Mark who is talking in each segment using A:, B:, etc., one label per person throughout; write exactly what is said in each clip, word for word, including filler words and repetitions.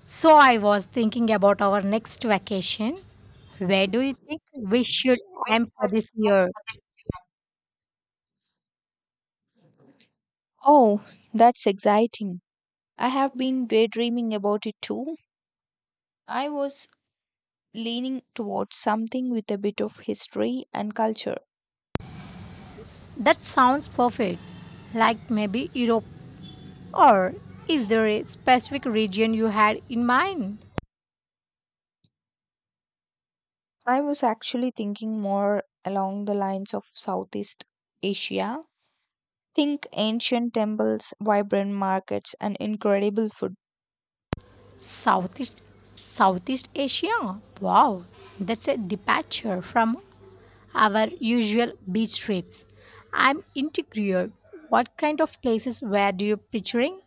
A: So I was thinking about our next vacation. Where do you think we should aim for this year?
B: Oh, that's exciting. I have been daydreaming about it too. I was leaning towards something with a bit of history and culture.
A: That sounds perfect. Like maybe Europe. Or is there a specific region you had in mind?
B: I was actually thinking more along the lines of Southeast Asia. Think ancient temples, vibrant markets, and incredible food.
A: Southeast Southeast Asia. Wow. That's a departure from our usual beach trips. I'm intrigued. What kind of places were you picturing?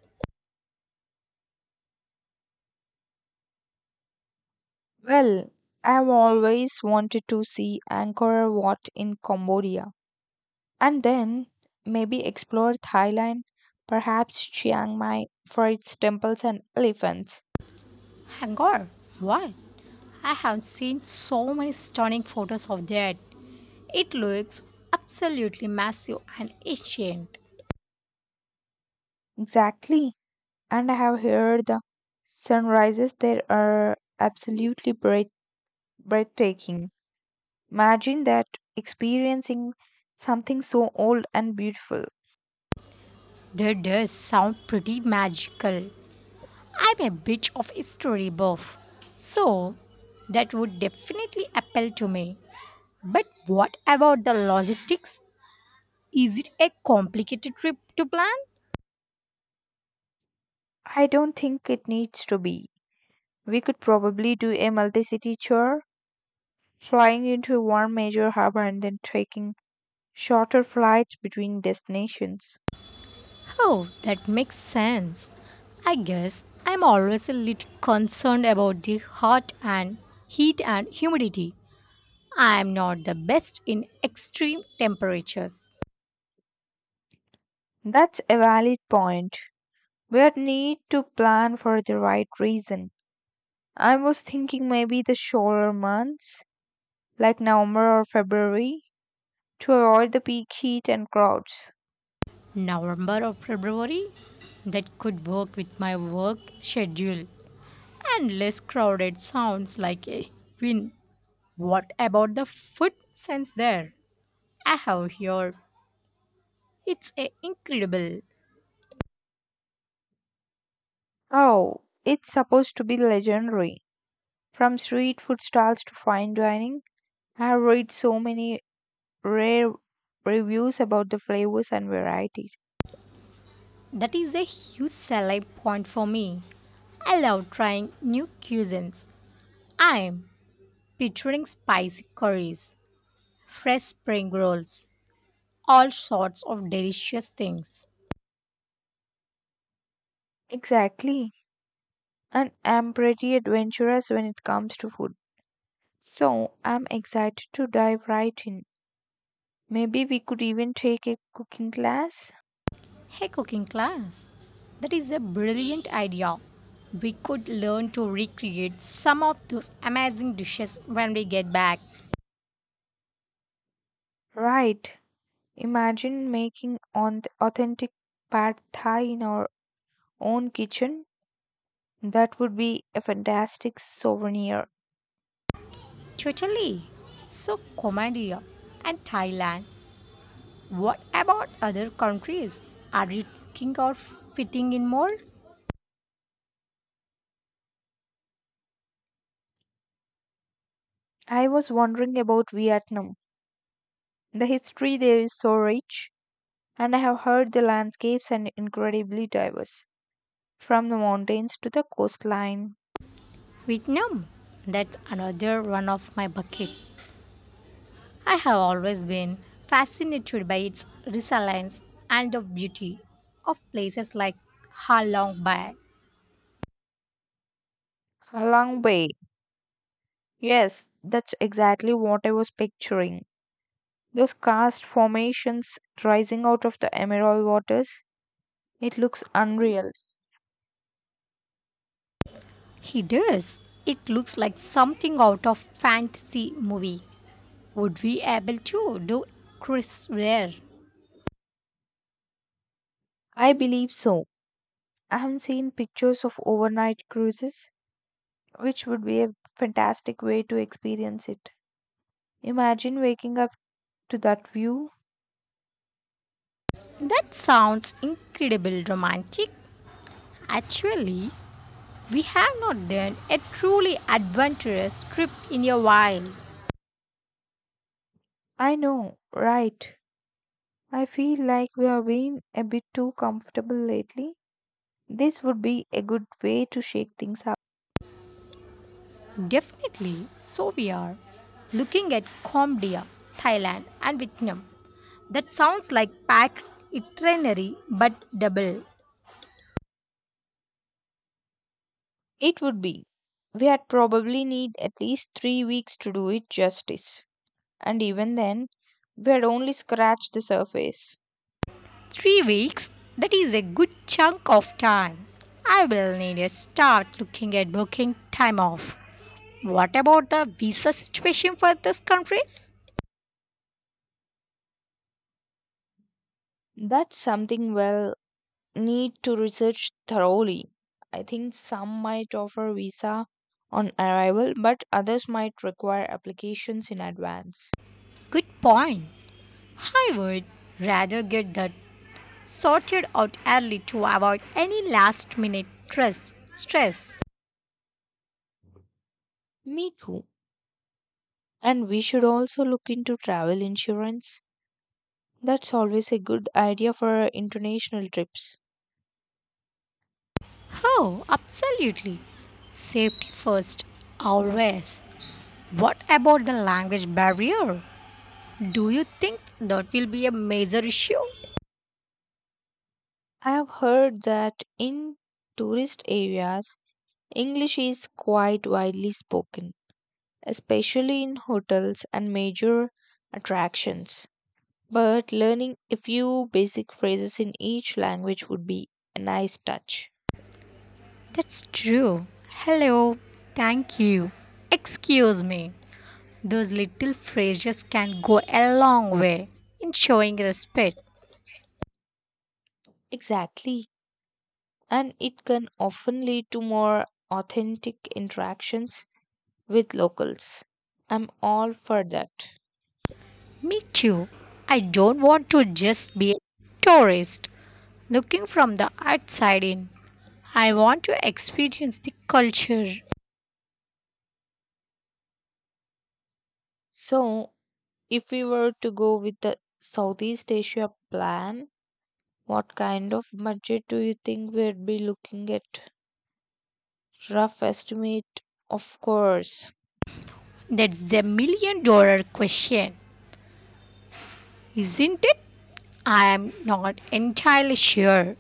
B: Well, I've always wanted to see Angkor Wat in Cambodia, and then maybe explore Thailand, perhaps Chiang Mai for its temples and elephants.
A: My god, what? I have seen so many stunning photos of that. It looks absolutely massive and ancient.
B: Exactly. And I have heard the sunrises there are absolutely breath- breathtaking. Imagine that, experiencing something so old and beautiful.
A: That does sound pretty magical. I'm a bit of a history buff, so that would definitely appeal to me. But what about the logistics? Is it a complicated trip to plan?
B: I don't think it needs to be. We could probably do a multi city tour, flying into one major hub and then taking shorter flights between destinations.
A: Oh, that makes sense. I guess I'm always a little concerned about the hot and heat and humidity. I am not the best in extreme temperatures.
B: That's a valid point. We need to plan for the right reason. I was thinking maybe the shorter months, like November or February, to avoid the peak heat and crowds.
A: November or February? That could work with my work schedule. And less crowded sounds like a win. What about the food sense there? I have here. It's a incredible.
B: Oh, it's supposed to be legendary. From street food stalls to fine dining, I have read so many rare reviews about the flavors and varieties.
A: That is a huge selling point for me. I love trying new cuisines. I'm picturing spicy curries, fresh spring rolls, all sorts of delicious things.
B: Exactly. And I'm pretty adventurous when it comes to food. So I'm excited to dive right in. Maybe we could even take a cooking class.
A: Hey, cooking class. That is a brilliant idea. We could learn to recreate some of those amazing dishes when we get back.
B: Right. Imagine making on authentic pad thai in our own kitchen. That would be a fantastic souvenir.
A: Totally. So, Cambodia and Thailand. What about other countries? Are you thinking of fitting in more?
B: I was wondering about Vietnam. The history there is so rich, and I have heard the landscapes are incredibly diverse, from the mountains to the coastline.
A: Vietnam. That's another one of my bucket. I have always been fascinated by its resilience and the beauty of places like Ha Long Bay.
B: Halong Bay. Yes, that's exactly what I was picturing. Those karst formations rising out of the emerald waters, it looks unreal.
A: He does. It looks like something out of fantasy movie. Would we able to do Chris Ware?
B: I believe so. I have seen pictures of overnight cruises, which would be a fantastic way to experience it. Imagine waking up to that view.
A: That sounds incredible romantic. Actually, we have not done a truly adventurous trip in a while.
B: I know, right? I feel like we have been a bit too comfortable lately. This would be a good way to shake things up.
A: Definitely, so we are looking at Cambodia, Thailand, and Vietnam. That sounds like packed itinerary but double.
B: It would be. We'd probably need at least three weeks to do it justice. And even then, we had only scratched the surface.
A: Three weeks, that is a good chunk of time. I will need to start looking at booking time off. What about the visa situation for these countries?
B: That's something we'll need to research thoroughly. I think some might offer visa on arrival, but others might require applications in advance.
A: Good point. I would rather get that sorted out early to avoid any last minute stress. stress.
B: Me too. And we should also look into travel insurance. That's always a good idea for international trips.
A: Oh, absolutely. Safety first, always. What about the language barrier? Do you think that will be a major issue?
B: I have heard that in tourist areas, English is quite widely spoken, especially in hotels and major attractions. But learning a few basic phrases in each language would be a nice touch.
A: That's true. Hello, thank you. Excuse me. Those little phrases can go a long way in showing respect.
B: Exactly. And it can often lead to more authentic interactions with locals. I'm all for that.
A: Me too. I don't want to just be a tourist looking from the outside in. I want to experience the culture.
B: So, if we were to go with the Southeast Asia plan, what kind of budget do you think we'd be looking at? Rough estimate, of course.
A: That's the million dollar question, isn't it? I am not entirely sure.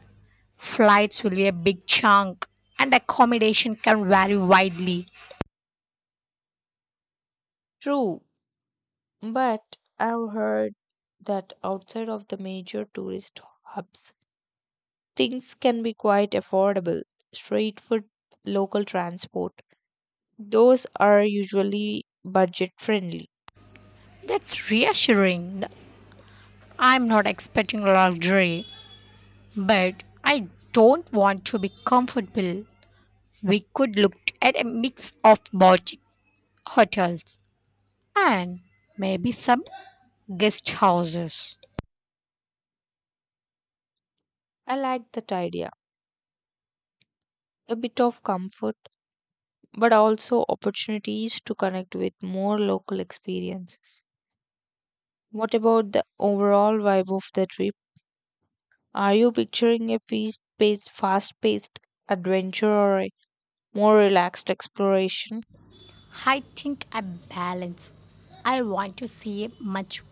A: Flights will be a big chunk, and accommodation can vary widely.
B: True, but I've heard that outside of the major tourist hubs, things can be quite affordable. Street food, local transport, those are usually budget friendly.
A: That's reassuring. I'm not expecting luxury, but I don't want to be comfortable. We could look at a mix of boutique hotels and maybe some guest houses.
B: I like that idea. A bit of comfort, but also opportunities to connect with more local experiences. What about the overall vibe of the trip? Are you picturing a fast-paced, fast-paced adventure or a more relaxed exploration?
A: I think a balance. I want to see much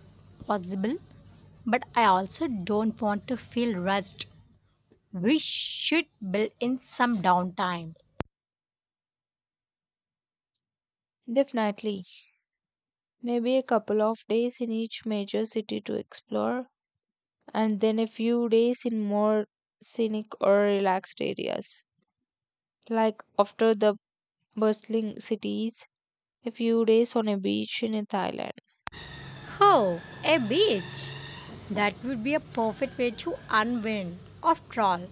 A: possible, but I also don't want to feel rushed. We should build in some downtime.
B: Definitely. Maybe a couple of days in each major city to explore, and then a few days in more scenic or relaxed areas. Like after the bustling cities, a few days on a beach in Thailand.
A: Oh, a beach! That would be a perfect way to unwind. After all,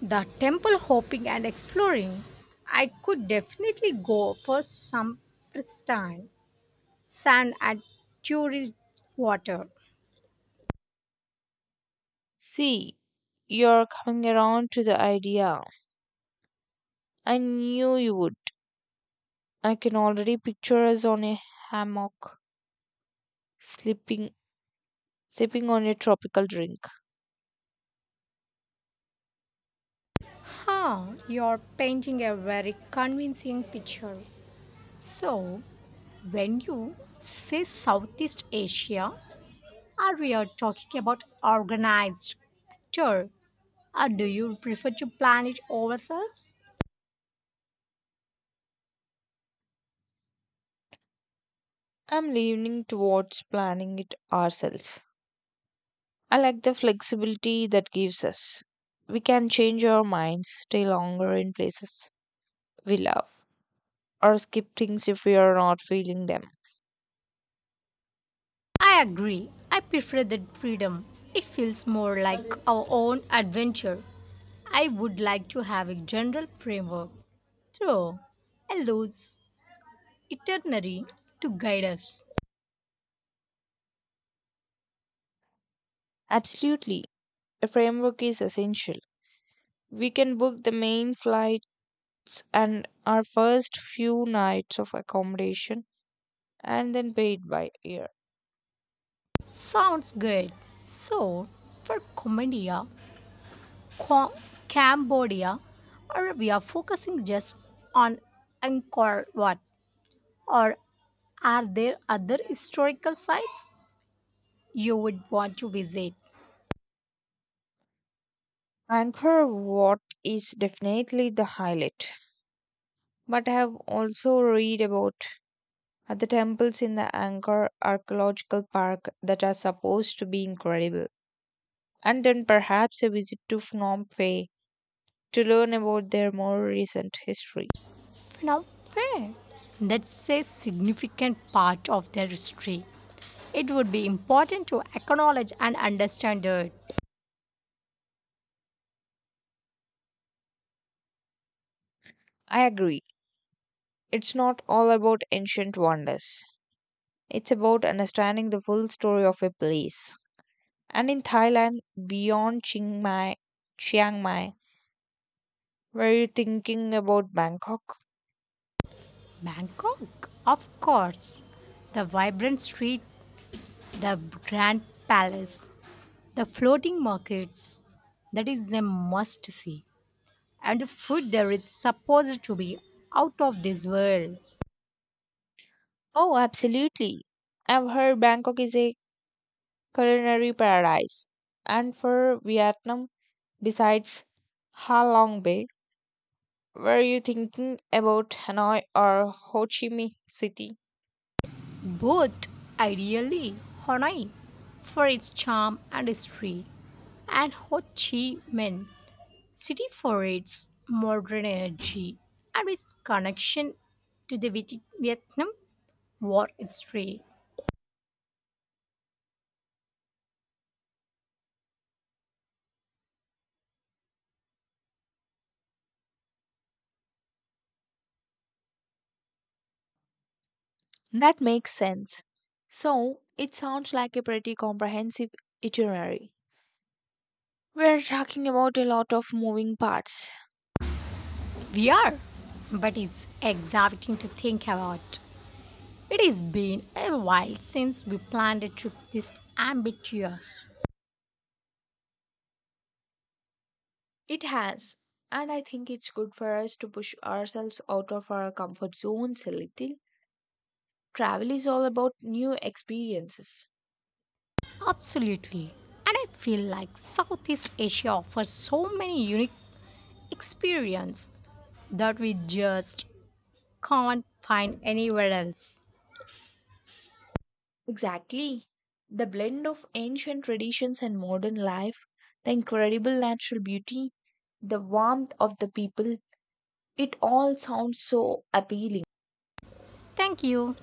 A: the temple hopping and exploring. I could definitely go for some pristine sand and turquoise water.
B: See, you're coming around to the idea. I knew you would. I can already picture us on a hammock, sleeping, sipping on a tropical drink.
A: Huh, you're painting a very convincing picture. So, when you say Southeast Asia, are we are talking about organized tour, or do you prefer to plan it ourselves?
B: I'm leaning towards planning it ourselves. I like the flexibility that gives us. We can change our minds, stay longer in places we love, or skip things if we are not feeling them.
A: I agree. I prefer that freedom. It feels more like our own adventure. I would like to have a general framework through a loose itinerary to guide us.
B: Absolutely, a framework is essential. We can book the main flights and our first few nights of accommodation and then pay it by ear.
A: Sounds good. So, for Cambodia, Qua- Cambodia, are we are focusing just on Angkor Wat, or are there other historical sites you would want to visit?
B: Anchor Wat is definitely the highlight, but I have also read about Uh, the temples in the Angkor Archaeological Park that are supposed to be incredible. And then perhaps a visit to Phnom Penh to learn about their more recent history.
A: Not fair. That's a significant part of their history. It would be important to acknowledge and understand it.
B: I agree. It's not all about ancient wonders. It's about understanding the full story of a place. And in Thailand, beyond Chiang Mai, Chiang Mai, were you thinking about Bangkok?
A: Bangkok, of course. The vibrant street, the grand palace, the floating markets. That is a must see. And the food there is supposed to be out of this world.
B: Oh, absolutely. I've heard Bangkok is a culinary paradise. And for Vietnam, besides Halong Bay, were you thinking about Hanoi or Ho Chi Minh City?
A: Both, ideally, Hanoi, for its charm and history, and Ho Chi Minh city for its modern energy and its connection to the Viet- Vietnam War history.
B: That makes sense. So, it sounds like a pretty comprehensive itinerary. We're talking about a lot of moving parts.
A: We are, but it's exciting to think about. It has been a while since we planned a trip this ambitious.
B: It has, and I think it's good for us to push ourselves out of our comfort zones a little. Travel is all about new experiences.
A: Absolutely. And I feel like Southeast Asia offers so many unique experiences that we just can't find anywhere else.
B: Exactly. The blend of ancient traditions and modern life, the incredible natural beauty, the warmth of the people, it all sounds so appealing.
A: Thank you.